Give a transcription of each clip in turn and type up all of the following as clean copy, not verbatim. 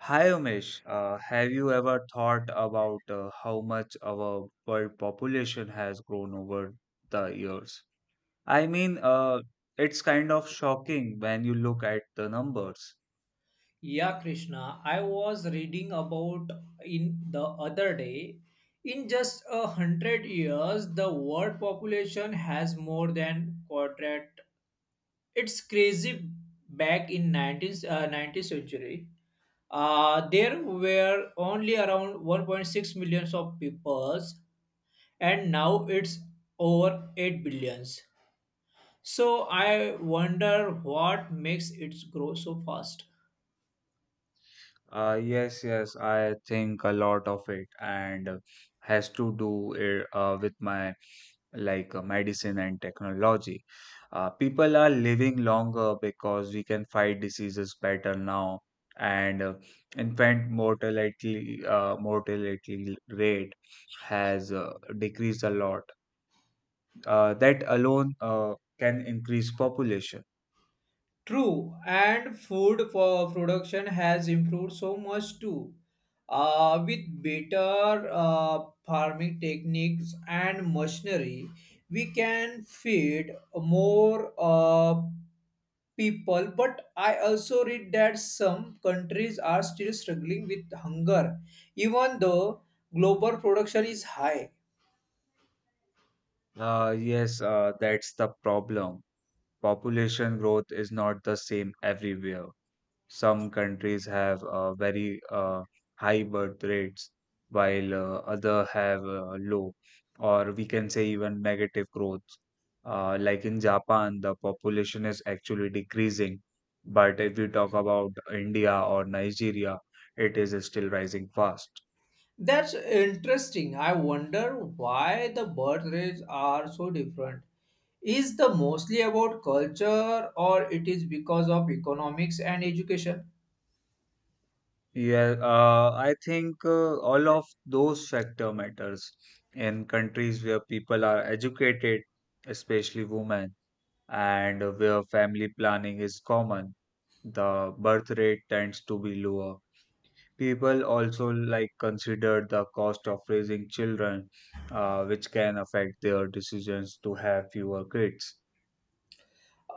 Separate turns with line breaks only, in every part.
Hi Umesh, have you ever thought about how much our world population has grown over the years? I mean, uh, it's kind of shocking when you look at the numbers.
Yeah, Krishna, I was reading about in the other day. In just 100 years, the world population has more than quadrat. It's crazy. Back in 19th century, there were only around 1.6 millions of peoples, and now it's over 8 billions. So I wonder what makes it grow so fast.
Yes, I think a lot of it and has to do it, with my like medicine and technology. People are living longer because we can fight diseases better now, and infant mortality rate has decreased a lot. That alone can increase population.
True, and food for production has improved so much too. With better farming techniques and machinery, we can feed more people. But I also read that some countries are still struggling with hunger, even though global production is high.
Yes, that's the problem. Population growth is not the same everywhere. Some countries have very high birth rates, while other have low, or we can say even negative growth. Like in Japan, the population is actually decreasing, but if we talk about India or Nigeria, it is still rising fast.
That's interesting. I wonder why the birth rates are so different. Is the mostly about culture or it is because of economics and education?
Yeah, I think all of those factor matters in countries where people are educated, especially women, and where family planning is common, the birth rate tends to be lower. People also like consider the cost of raising children, which can affect their decisions to have fewer kids.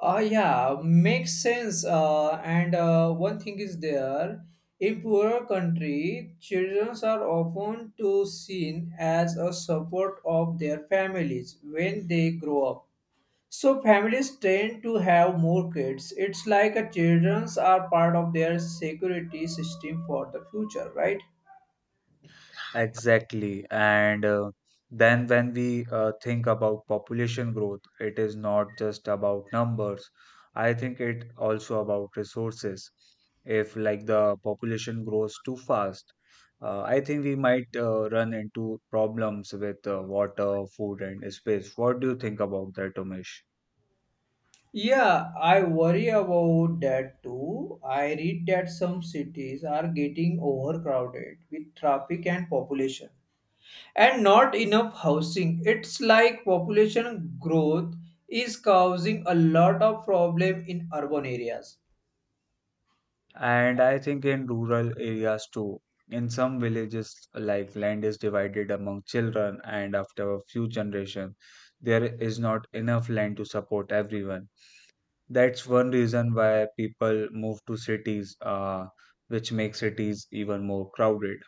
Yeah, makes sense. And One thing is there, in poorer country, children are often to seen as a support of their families when they grow up. So families tend to have more kids. It's like a children's are part of their security system for the future, right?
Exactly. And then when we think about population growth, it is not just about numbers. I think it also about resources. If like the population grows too fast, I think we might run into problems with water, food, and space. What do you think about that, Umesh?
Yeah, I worry about that too. I read that some cities are getting overcrowded with traffic and population and not enough housing. It's like population growth is causing a lot of problem in urban areas.
And I think in rural areas too, in some villages, like land is divided among children, and after a few generations, there is not enough land to support everyone. That's one reason why people move to cities, which makes cities even more crowded.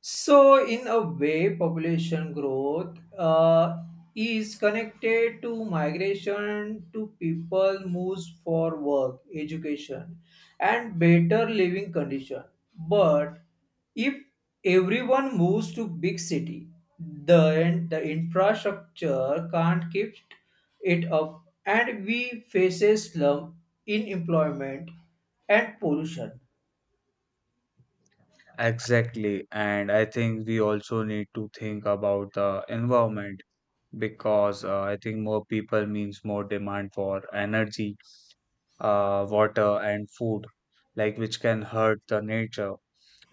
So, in a way, population growth is connected to migration to people moves for work, education, and better living condition. But if everyone moves to big city, then the infrastructure can't keep it up, and we faces slum, unemployment, and pollution.
Exactly, and I think we also need to think about the environment because I think more people means more demand for energy, water and food, like which can hurt the nature.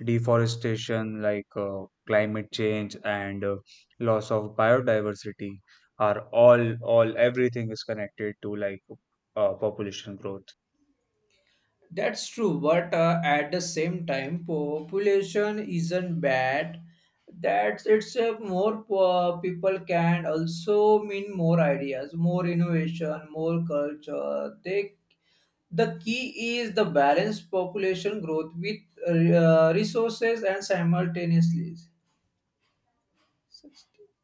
Deforestation, like climate change, and loss of biodiversity, are all, everything is connected to population growth.
That's true, but at the same time, population isn't bad. That's it's More people can also mean more ideas, more innovation, more culture. The key is the balanced population growth with resources and simultaneously.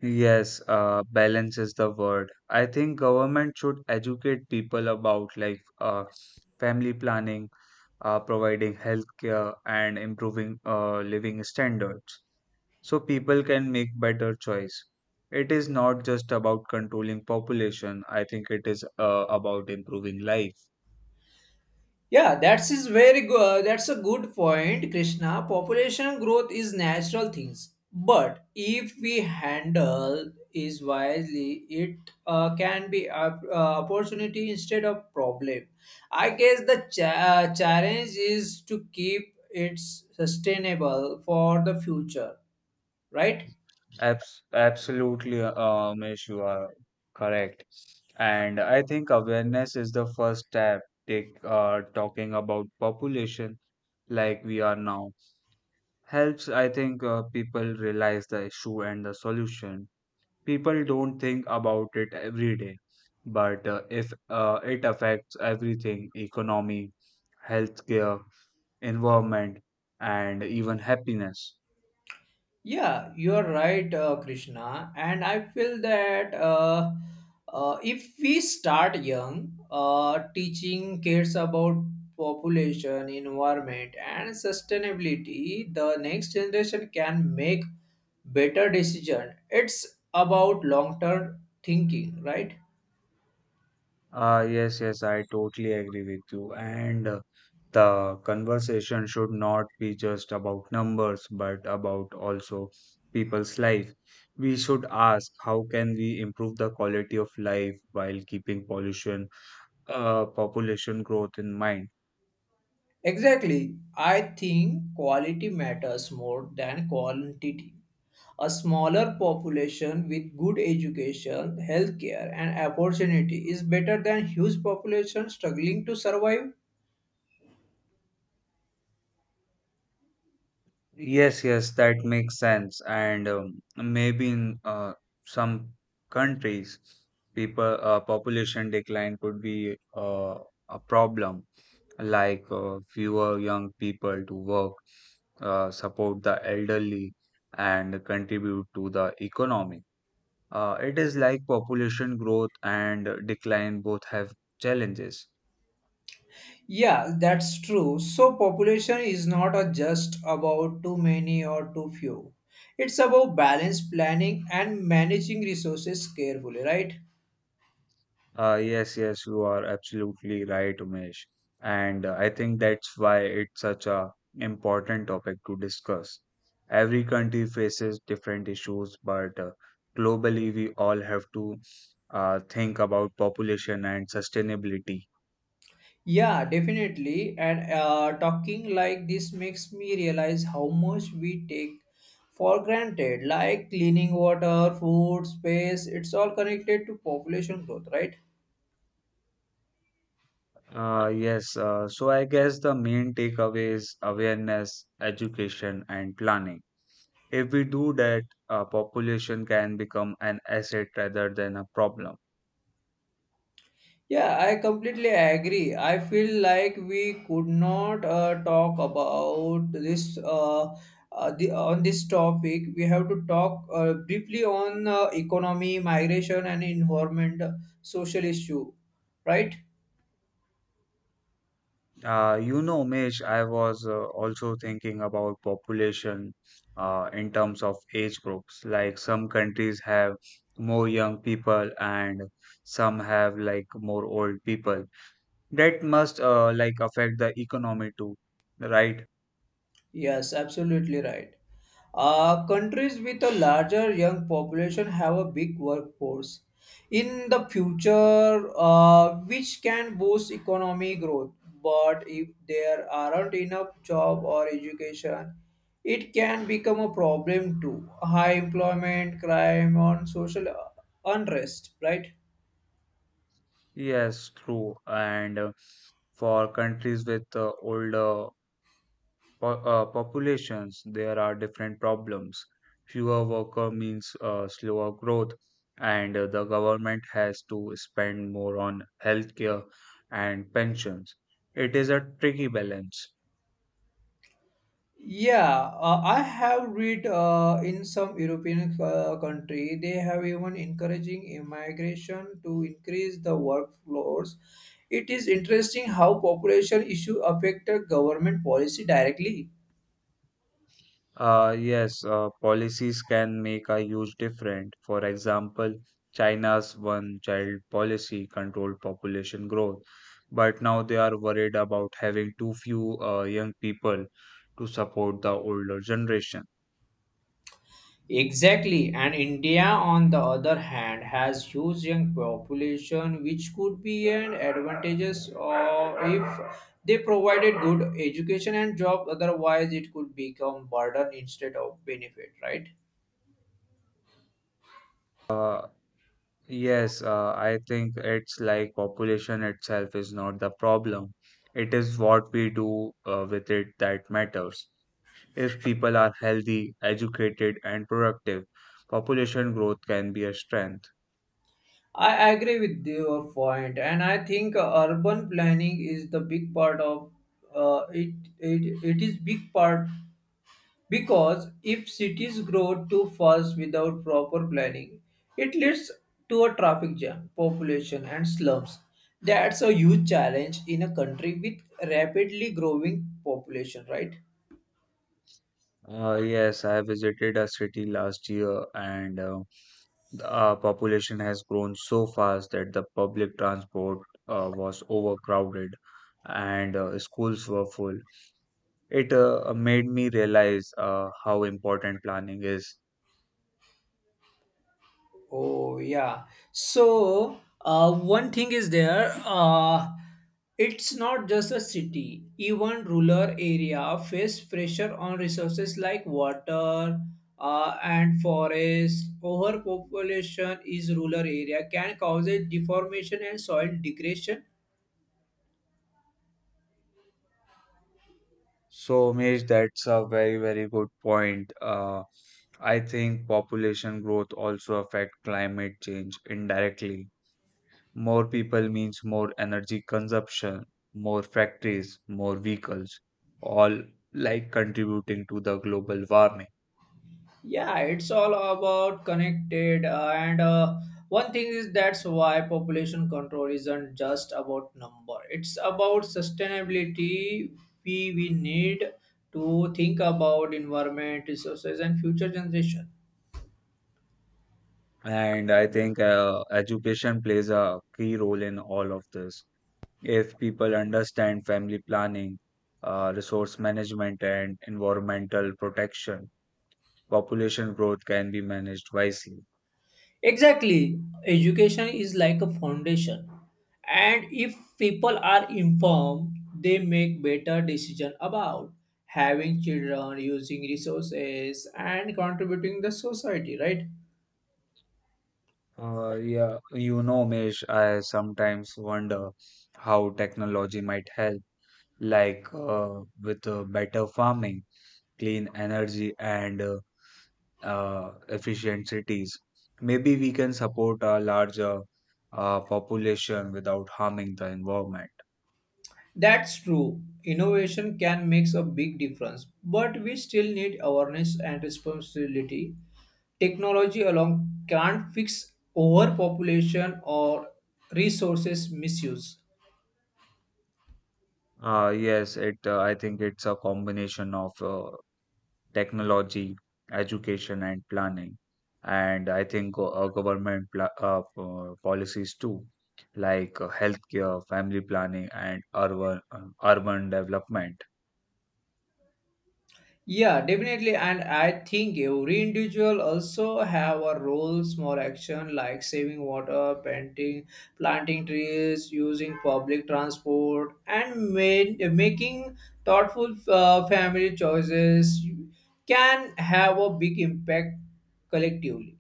Yes, balance is the word. I think government should educate people about like family planning, providing health care, and improving living standards, so people can make better choice. It is not just about controlling population. I think it is about improving life.
Yeah, that's is very good. That's a good point, Krishna. Population growth is natural things, but if we handle is wisely, it can be a, opportunity instead of problem. I guess the challenge is to keep it sustainable for the future, right?
Absolutely, Umesh, you are correct. And I think awareness is the first step. Take talking about population like we are now helps. I think people realize the issue and the solution. People don't think about it every day, but if it affects everything: economy, healthcare, environment, and even happiness.
Yeah, you're right, Krishna. And I feel that if we start young, teaching kids about population, environment, and sustainability, the next generation can make better decision. It's about long-term thinking, right?
Ah, yes, yes, I totally agree with you, and the conversation should not be just about numbers, but about also people's life. We should ask, how can we improve the quality of life while keeping pollution population growth in mind?
Exactly. I think quality matters more than quantity. A smaller population with good education, healthcare, and opportunity is better than huge population struggling to survive.
Yes, yes, that makes sense. And maybe in some countries, people population decline could be a problem, like fewer young people to work, support the elderly, and contribute to the economy. It is like population growth and decline both have challenges.
Yeah, that's true. So population is not a just about too many or too few. It's about balanced planning and managing resources carefully, right?
Yes, you are absolutely right, Umesh. And I think that's why it's such a important topic to discuss. Every country faces different issues, but globally we all have to think about population and sustainability.
Yeah, definitely. And talking like this makes me realize how much we take for granted, like cleaning water, food, space, it's all connected to population growth, right?
Yes, so I guess the main takeaway is awareness, education, and planning. If we do that, population can become an asset rather than a problem.
Yeah, I completely agree. I feel like we could not talk about this on this topic. We have to talk briefly on economy, migration, and environment, social issue, right?
You know, Mesh, I was also thinking about population in terms of age groups. Like some countries have more young people and some have like more old people. That must like affect the economy too, right?
Yes, absolutely right. Countries with a larger young population have a big workforce in the future, which can boost economic growth. But if there aren't enough job or education, it can become a problem too. High employment, crime, and social unrest, right?
Yes, true. And for countries with older populations, there are different problems. Fewer worker means slower growth, and the government has to spend more on healthcare and pensions. It is a tricky balance.
Yeah, I have read in some European country they have even encouraging immigration to increase the workflows. It is interesting how population issue affected government policy directly.
Yes, policies can make a huge difference. For example, China's one child policy controlled population growth, but now they are worried about having too few young people to support the older generation.
Exactly, and India on the other hand has huge young population which could be an advantageous if they provided good education and job otherwise it could become burden instead of benefit right.
Uh, yes, I think it's like population itself is not the problem. It is what we do with it that matters. If people are healthy, educated, and productive, population growth can be a strength.
I agree with your point, and I think urban planning is the big part of it. It is big part because if cities grow too fast without proper planning, it leads to a traffic jam, population, and slums. That's a huge challenge in a country with rapidly growing population, right?
Yes, I visited a city last year, and the population has grown so fast that the public transport was overcrowded and schools were full. It made me realize how important planning is.
Oh yeah. So one thing is there. It's not just a city. Even rural area face pressure on resources like water and forest. Overpopulation is rural area can cause a deformation and soil degradation.
So, Umesh, that's a very, very good point. I think population growth also affect climate change indirectly. More people means more energy consumption, more factories, more vehicles, all like contributing to the global warming.
Yeah, it's all about connected, and one thing is that's why population control isn't just about number. It's about sustainability. We need to think about environment, resources, and future generation.
And I think education plays a key role in all of this. If people understand family planning, resource management, and environmental protection, population growth can be managed wisely.
Exactly, education is like a foundation, and if people are informed, they make better decision about having children, using resources, and contributing the society. Right.
Yeah, you know, Mesh, I sometimes wonder how technology might help, like with better farming, clean energy, and efficient cities. Maybe we can support a larger population without harming the environment.
That's true. Innovation can make a big difference, but we still need awareness and responsibility. Technology alone can't fix overpopulation or resources misuse.
Yes, it. I think it's a combination of technology, education, and planning, and I think government pla policies too, like healthcare, family planning, and urban development.
Yeah, definitely. And I think every individual also have a role, small action like saving water, painting, planting trees, using public transport, and making thoughtful family choices can have a big impact collectively.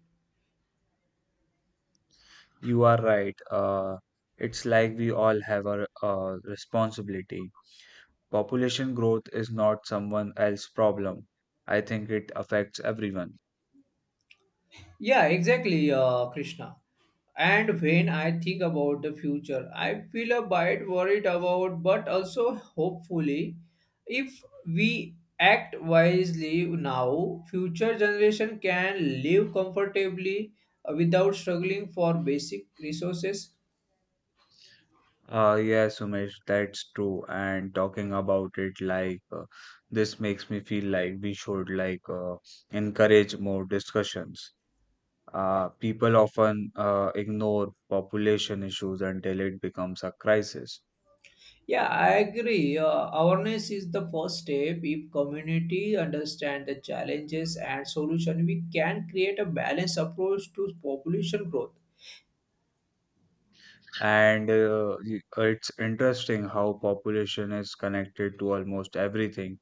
You are right. It's like we all have a responsibility. Population growth is not someone else's problem. I think it affects everyone.
Yeah, exactly, Krishna. And when I think about the future, I feel a bit worried about, but also hopefully, if we act wisely now, future generation can live comfortably without struggling for basic resources.
Yes, Umesh, that's true. And talking about it, this makes me feel like we should encourage more discussions. People often ignore population issues until it becomes a crisis.
Yeah, I agree. Awareness is the first step. If community understand the challenges and solution, we can create a balanced approach to population growth.
And it's interesting how population is connected to almost everything: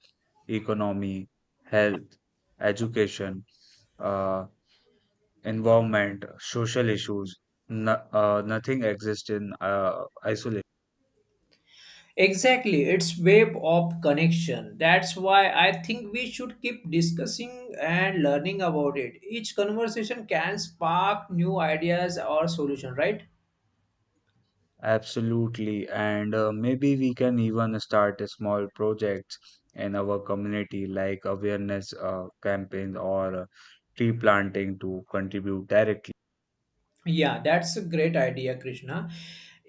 economy, health, education, uh, environment, social issues. No, nothing exists in isolation.
Exactly, it's web of connection. That's why I think we should keep discussing and learning about it. Each conversation can spark new ideas or solution, right?
Absolutely. And maybe we can even start a small projects in our community, like awareness campaigns or tree planting to contribute directly.
Yeah, that's a great idea, Krishna.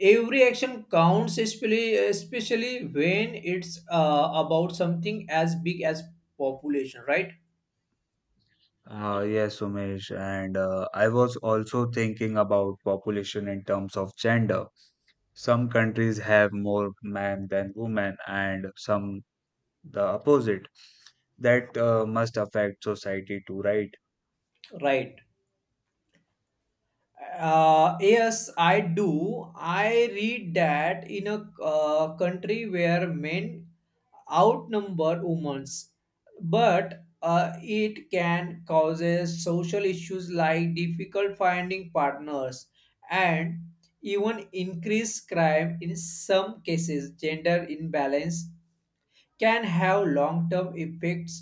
Every action counts, especially when it's about something as big as population, right?
Yes, Umesh. And I was also thinking about population in terms of gender. Some countries have more men than women, and some the opposite. That must affect society too, right?
Right. Yes, I do. I read that in a country where men outnumber women, but it can cause social issues like difficult finding partners and even increased crime in some cases. Gender imbalance can have long-term effects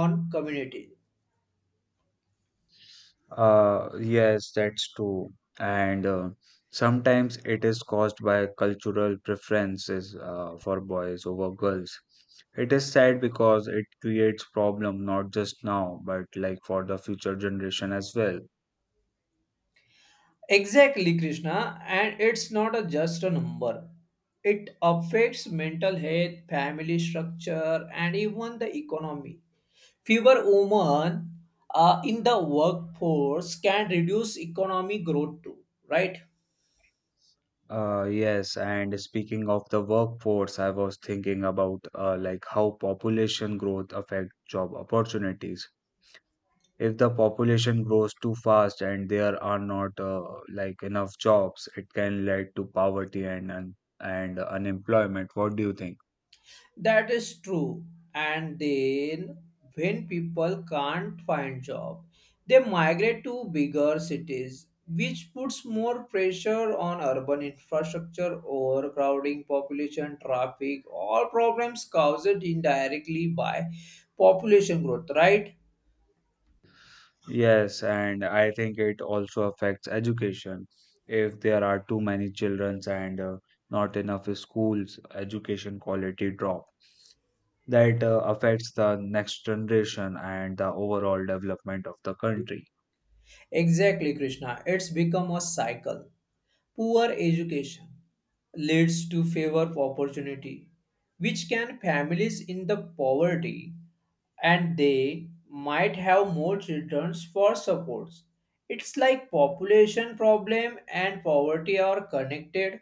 on community.
Yes, that's true, and sometimes it is caused by cultural preferences for boys over girls. It is sad because it creates problem, not just now but like for the future generation as well.
Exactly, Krishna. And it's not a just a number. It affects mental health, family structure, and even the economy. Fewer women in the workforce can reduce economic growth too, right?
Yes, and speaking of the workforce, I was thinking about like how population growth affect job opportunities. If the population grows too fast and there are not like enough jobs, it can lead to poverty and unemployment. What do you think?
That is true. And then when people can't find job, they migrate to bigger cities, which puts more pressure on urban infrastructure, overcrowding, population, traffic, all problems caused indirectly by population growth, right?
Yes, and I think it also affects education. If there are too many children and not enough schools, education quality drop. That affects the next generation and the overall development of the country.
Exactly, Krishna. It's become a cycle. Poor education leads to favor opportunity, which can families in the poverty and they might have more children for supports. It's like population problem and poverty are connected,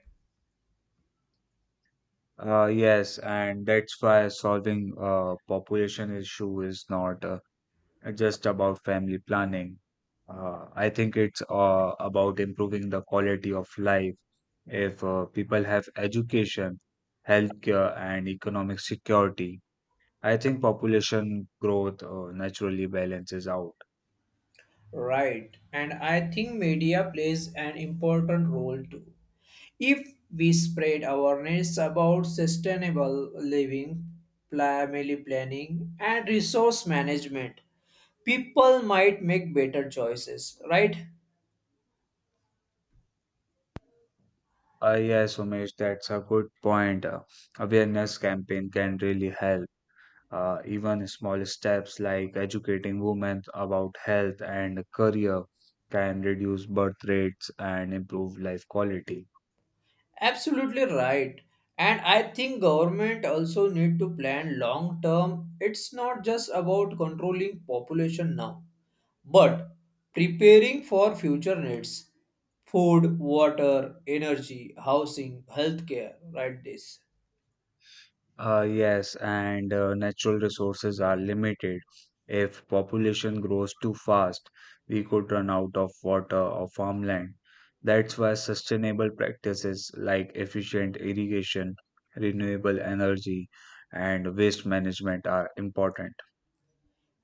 Yes, and that's why solving population issue is not just about family planning. I think it's about improving the quality of life. If people have education, healthcare, and economic security, I think population growth naturally balances out.
right? And I think media plays an important role too. If we spread awareness about sustainable living, family planning, and resource management, people might make better choices, right?
Yes, Umesh, that's a good point. Awareness campaign can really help. Even small steps like educating women about health and career can reduce birth rates and improve life quality.
Absolutely right. And I think government also need to plan long term. It's not just about controlling population now, but preparing for future needs. Food, water, energy, housing, healthcare, right this.
Yes, and natural resources are limited. If population grows too fast, we could run out of water or farmland. That's why sustainable practices like efficient irrigation, renewable energy, and waste management are important.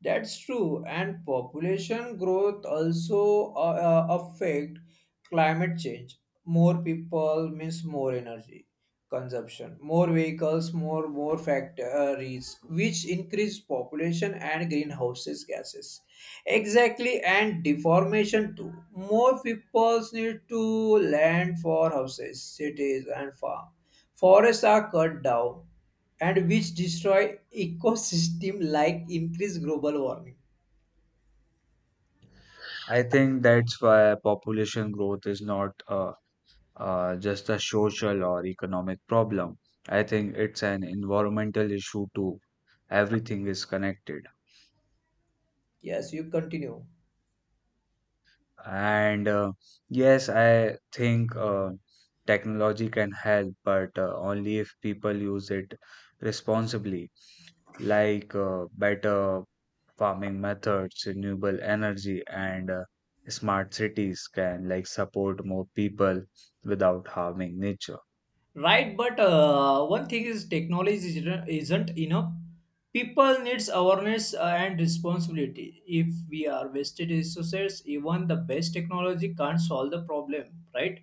That's true. And population growth also affect climate change. More people means more energy consumption, more vehicles, more factories, which increase population and greenhouses gases. Exactly, and deformation too, more people need to land for houses, cities, and farm. Forests are cut down, and which destroy ecosystem like increase global warming.
I think that's why population growth is not just a social or economic problem. I think it's an environmental issue too. Everything is connected.
Yes, you continue.
And yes, I think technology can help, but only if people use it responsibly, like better farming methods, renewable energy, and smart cities can like support more people without harming nature.
Right, but one thing is technology isn't enough. People needs awareness and responsibility. If we are wasted resources, even the best technology can't solve the problem, right?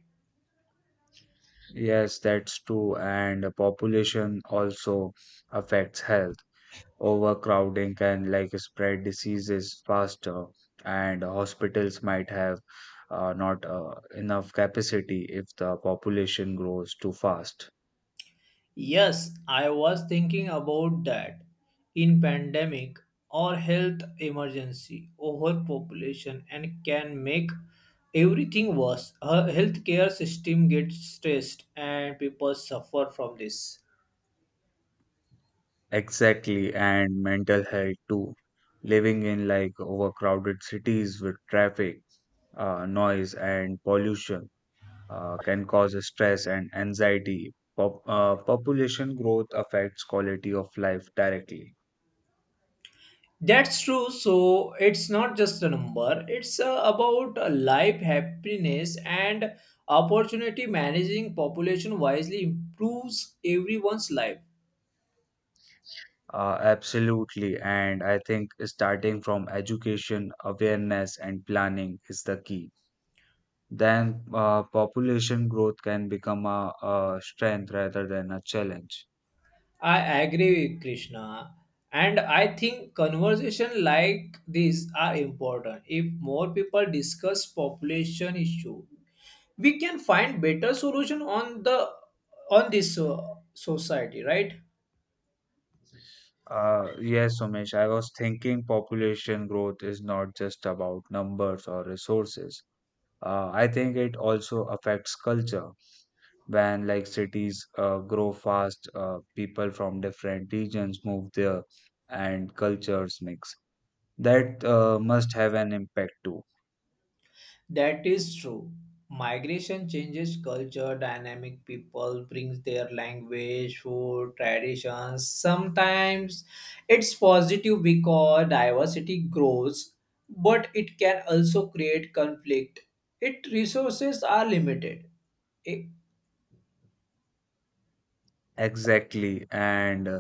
Yes, that's true. And the population also affects health. Overcrowding can like spread diseases faster, and hospitals might have not enough capacity if the population grows too fast.
Yes, I was thinking about that. In pandemic or health emergency, overpopulation and can make everything worse. Our healthcare system gets stressed and people suffer from this.
Exactly, and mental health too. Living in like overcrowded cities with traffic, noise, and pollution can cause stress and anxiety. Population growth affects quality of life directly.
That's true. So it's not just a number, it's about life, happiness, and opportunity. Managing population wisely improves everyone's life.
Absolutely. And I think starting from education, awareness, and planning is the key. Then population growth can become a strength rather than a challenge.
I agree with Krishna. And I think conversation like this are important. If more people discuss population issue, we can find better solution on the on this society, right?
Yes, Somesh, I was thinking population growth is not just about numbers or resources. I think it also affects culture. When like cities grow fast, people from different regions move there and cultures mix. That must have an impact too.
That is true. Migration changes culture, dynamic people brings their language, food, traditions. Sometimes it's positive because diversity grows, but it can also create conflict. Its resources are limited.
Exactly. And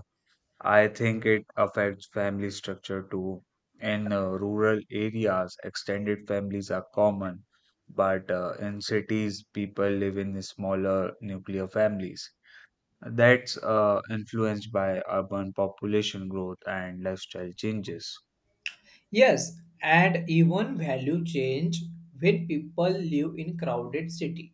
I think it affects family structure too. In rural areas, extended families are common, but in cities, people live in smaller nuclear families. That's influenced by urban population growth and lifestyle changes.
Yes, and even value change when people live in crowded city.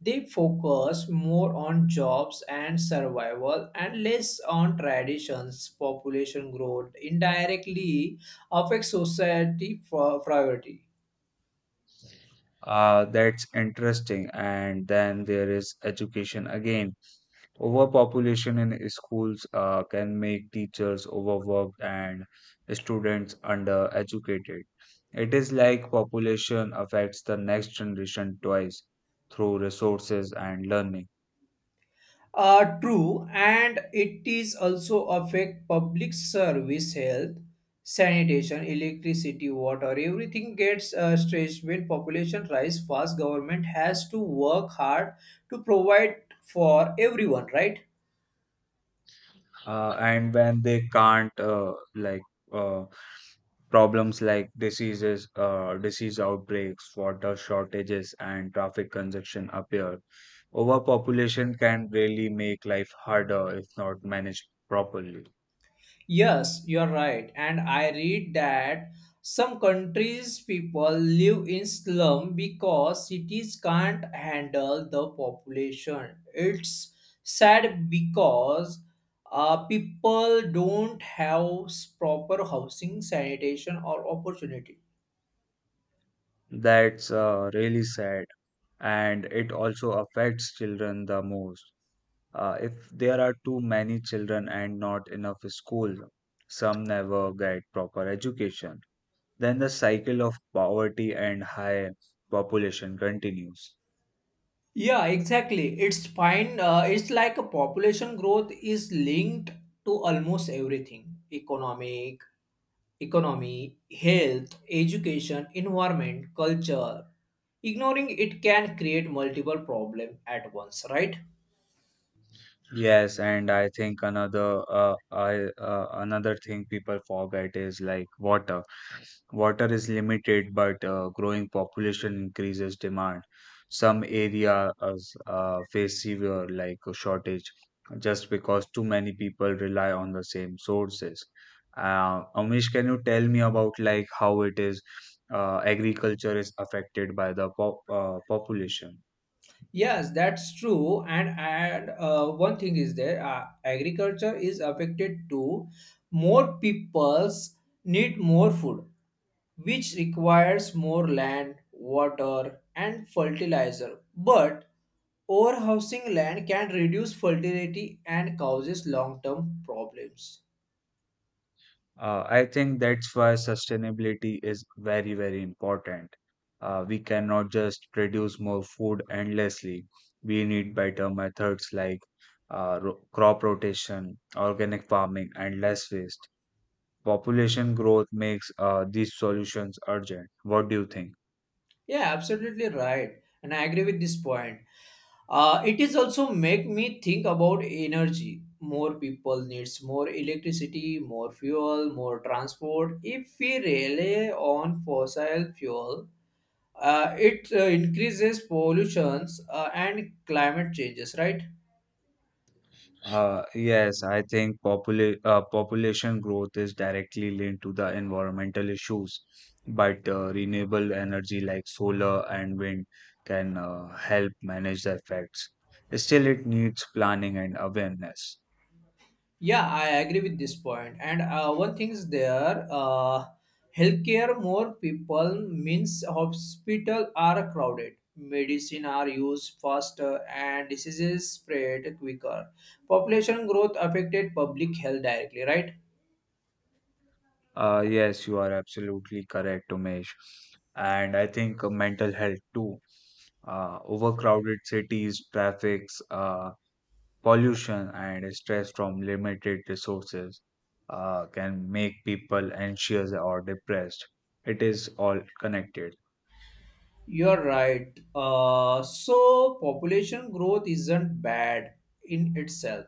They focus more on jobs and survival and less on traditions. Population growth indirectly affects society for priority.
That's interesting. And then there is education again. Overpopulation in schools can make teachers overworked and students undereducated. It is like population affects the next generation twice through resources and learning.
True, and it is also affect public service, health, sanitation, electricity, water. Everything gets stretched when population rise fast. Government has to work hard to provide for everyone, right?
And when they can't, uh, problems like diseases, disease outbreaks, water shortages, and traffic congestion appear. Overpopulation can really make life harder if not managed properly.
Yes, you are right. And I read that some countries people live in slum because cities can't handle the population. It's sad because people don't have proper housing, sanitation, or opportunity.
That's really sad, and it also affects children the most. If there are too many children and not enough schools, some never get proper education. Then the cycle of poverty and high population continues.
Yeah, exactly. It's fine. It's like a population growth is linked to almost everything economic, economy, health, education, environment, culture. Ignoring it can create multiple problems at once, right?
Yes, and I think another thing people forget is like water. Water is limited, but growing population increases demand. Some areas face severe like shortage just because too many people rely on the same sources. Amish, can you tell me about like how it is agriculture is affected by the population?
Yes, that's true. And One thing is there, agriculture is affected too. More peoples need more food, which requires more land, water, and fertilizer. But overhousing land can reduce fertility and causes long-term problems.
I think that's why sustainability is very, very important. We cannot just produce more food endlessly. We need better methods like crop rotation, organic farming, and less waste. Population growth makes these solutions urgent. What do you think?
Yeah, absolutely right. And I agree with this point. It is also make me think about energy. More people needs more electricity, more fuel, more transport. If we rely on fossil fuel, it increases pollutions and climate changes, right?
Yes, I think population growth is directly linked to the environmental issues, but renewable energy like solar and wind can help manage the effects. Still, it needs planning and awareness.
Yeah, I agree with this point. And one thing is there, healthcare, more people means hospital are crowded, medicine are used faster, and diseases spread quicker. Population growth affected public health directly, right?
Yes, you are absolutely correct, Umesh. And I think mental health too. Overcrowded cities, traffics, pollution and stress from limited resources can make people anxious or depressed. It is all connected.
You're right. So population growth isn't bad in itself.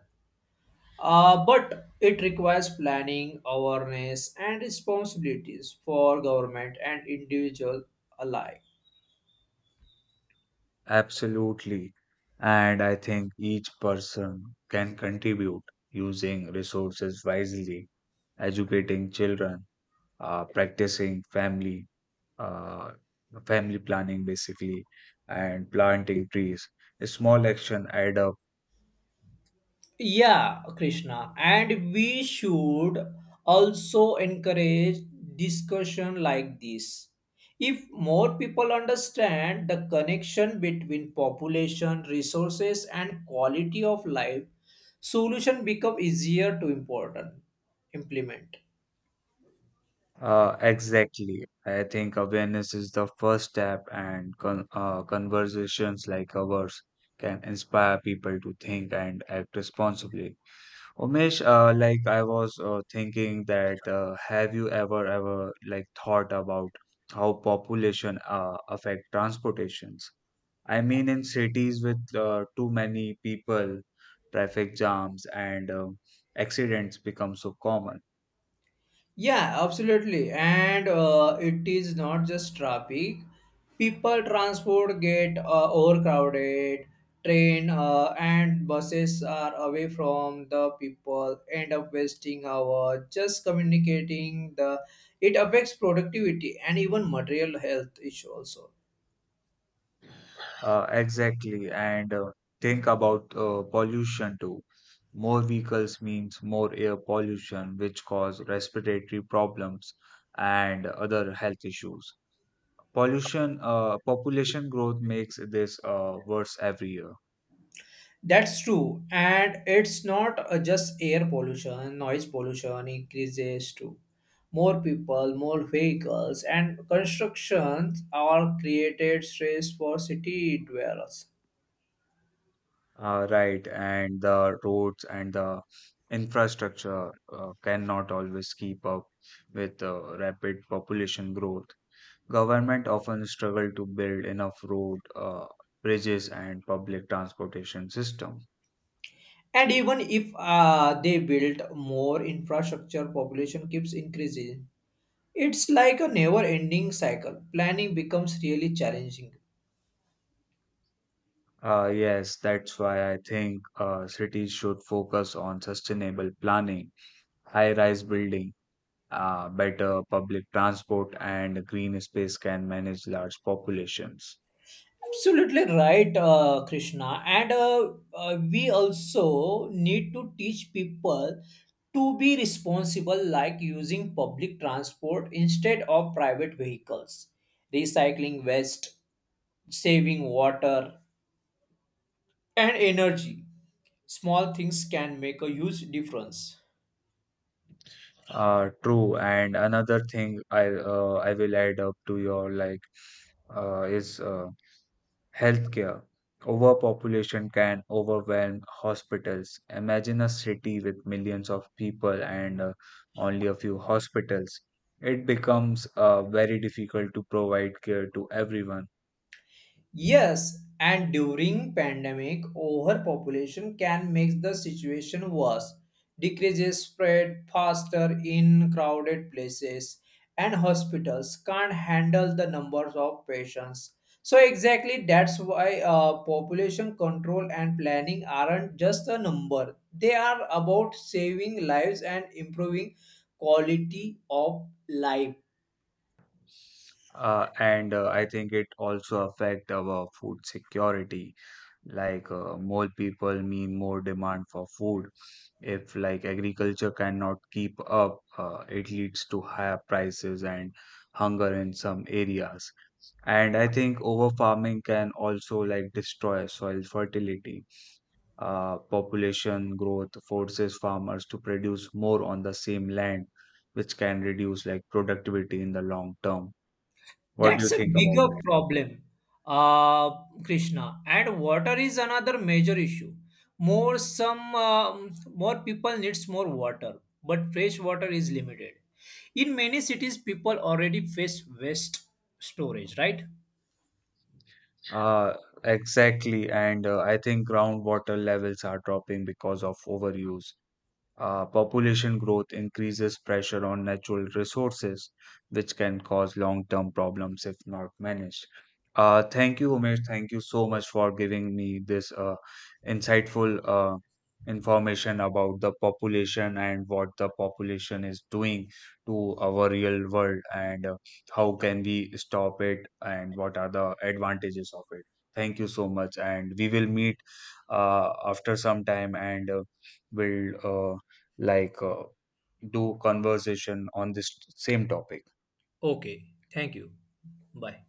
But it requires planning, awareness, and responsibilities for government and individual alike.
Absolutely. And I think each person can contribute using resources wisely, educating children, uh, practicing family, uh, family planning basically, and planting trees. Small action add up.
Yeah, Krishna, and we should also encourage discussion like this. If more people understand the connection between population, resources, and quality of life, solution become easier to important implement.
Exactly. I think awareness is the first step, and conversations like ours can inspire people to think and act responsibly. Umesh, like I was thinking that have you ever like thought about how population affect transportations? I mean, in cities with too many people, traffic jams and accidents become so common.
Yeah, absolutely. And it is not just traffic. People transport get overcrowded. Train and buses are away from the people. End up wasting hours just communicating. The it affects productivity and even material health issue also.
Exactly. And think about pollution too. More vehicles means more air pollution, which cause respiratory problems and other health issues. Population growth makes this worse every year.
That's true. And it's not just air pollution, noise pollution increases too. More people, more vehicles, and constructions are created stress for city dwellers.
Right. And the roads and the infrastructure cannot always keep up with rapid population growth. Government often struggle to build enough road, bridges, and public transportation system.
And even if they build more infrastructure, population keeps increasing. It's like a never ending cycle. Planning becomes really challenging.
Yes, that's why I think cities should focus on sustainable planning, high-rise building, better public transport, and green space can manage large populations.
Absolutely right, Krishna. And we also need to teach people to be responsible, like using public transport instead of private vehicles, recycling waste, saving water and energy. Small things can make a huge difference.
True. And another thing I will add up to your like is healthcare. Overpopulation can overwhelm hospitals. Imagine a city with millions of people and only a few hospitals. It becomes very difficult to provide care to everyone.
Yes, and during pandemic, overpopulation can make the situation worse. Decreases spread faster in crowded places, and hospitals can't handle the numbers of patients. So exactly that's why population control and planning aren't just a number. They are about saving lives and improving quality of life.
And I think it also affect our food security. Like more people mean more demand for food. If like agriculture cannot keep up, it leads to higher prices and hunger in some areas. And I think over farming can also like destroy soil fertility. Population growth forces farmers to produce more on the same land, which can reduce like productivity in the long term. What do you
That's a
think about
bigger
that?
problem, uh, Krishna. And water is another major issue. More people needs more water, but fresh water is limited. In many cities, people already face waste storage. Right?
Uh, exactly, and I think groundwater levels are dropping because of overuse. Population growth increases pressure on natural resources, which can cause long term problems if not managed. Thank you, Umesh. Thank you so much for giving me this insightful information about the population and what the population is doing to our real world, and how can we stop it and what are the advantages of it. Thank you so much, and we will meet after some time and will. Like uh, do conversation on this same topic.
Okay. Thank you. Bye.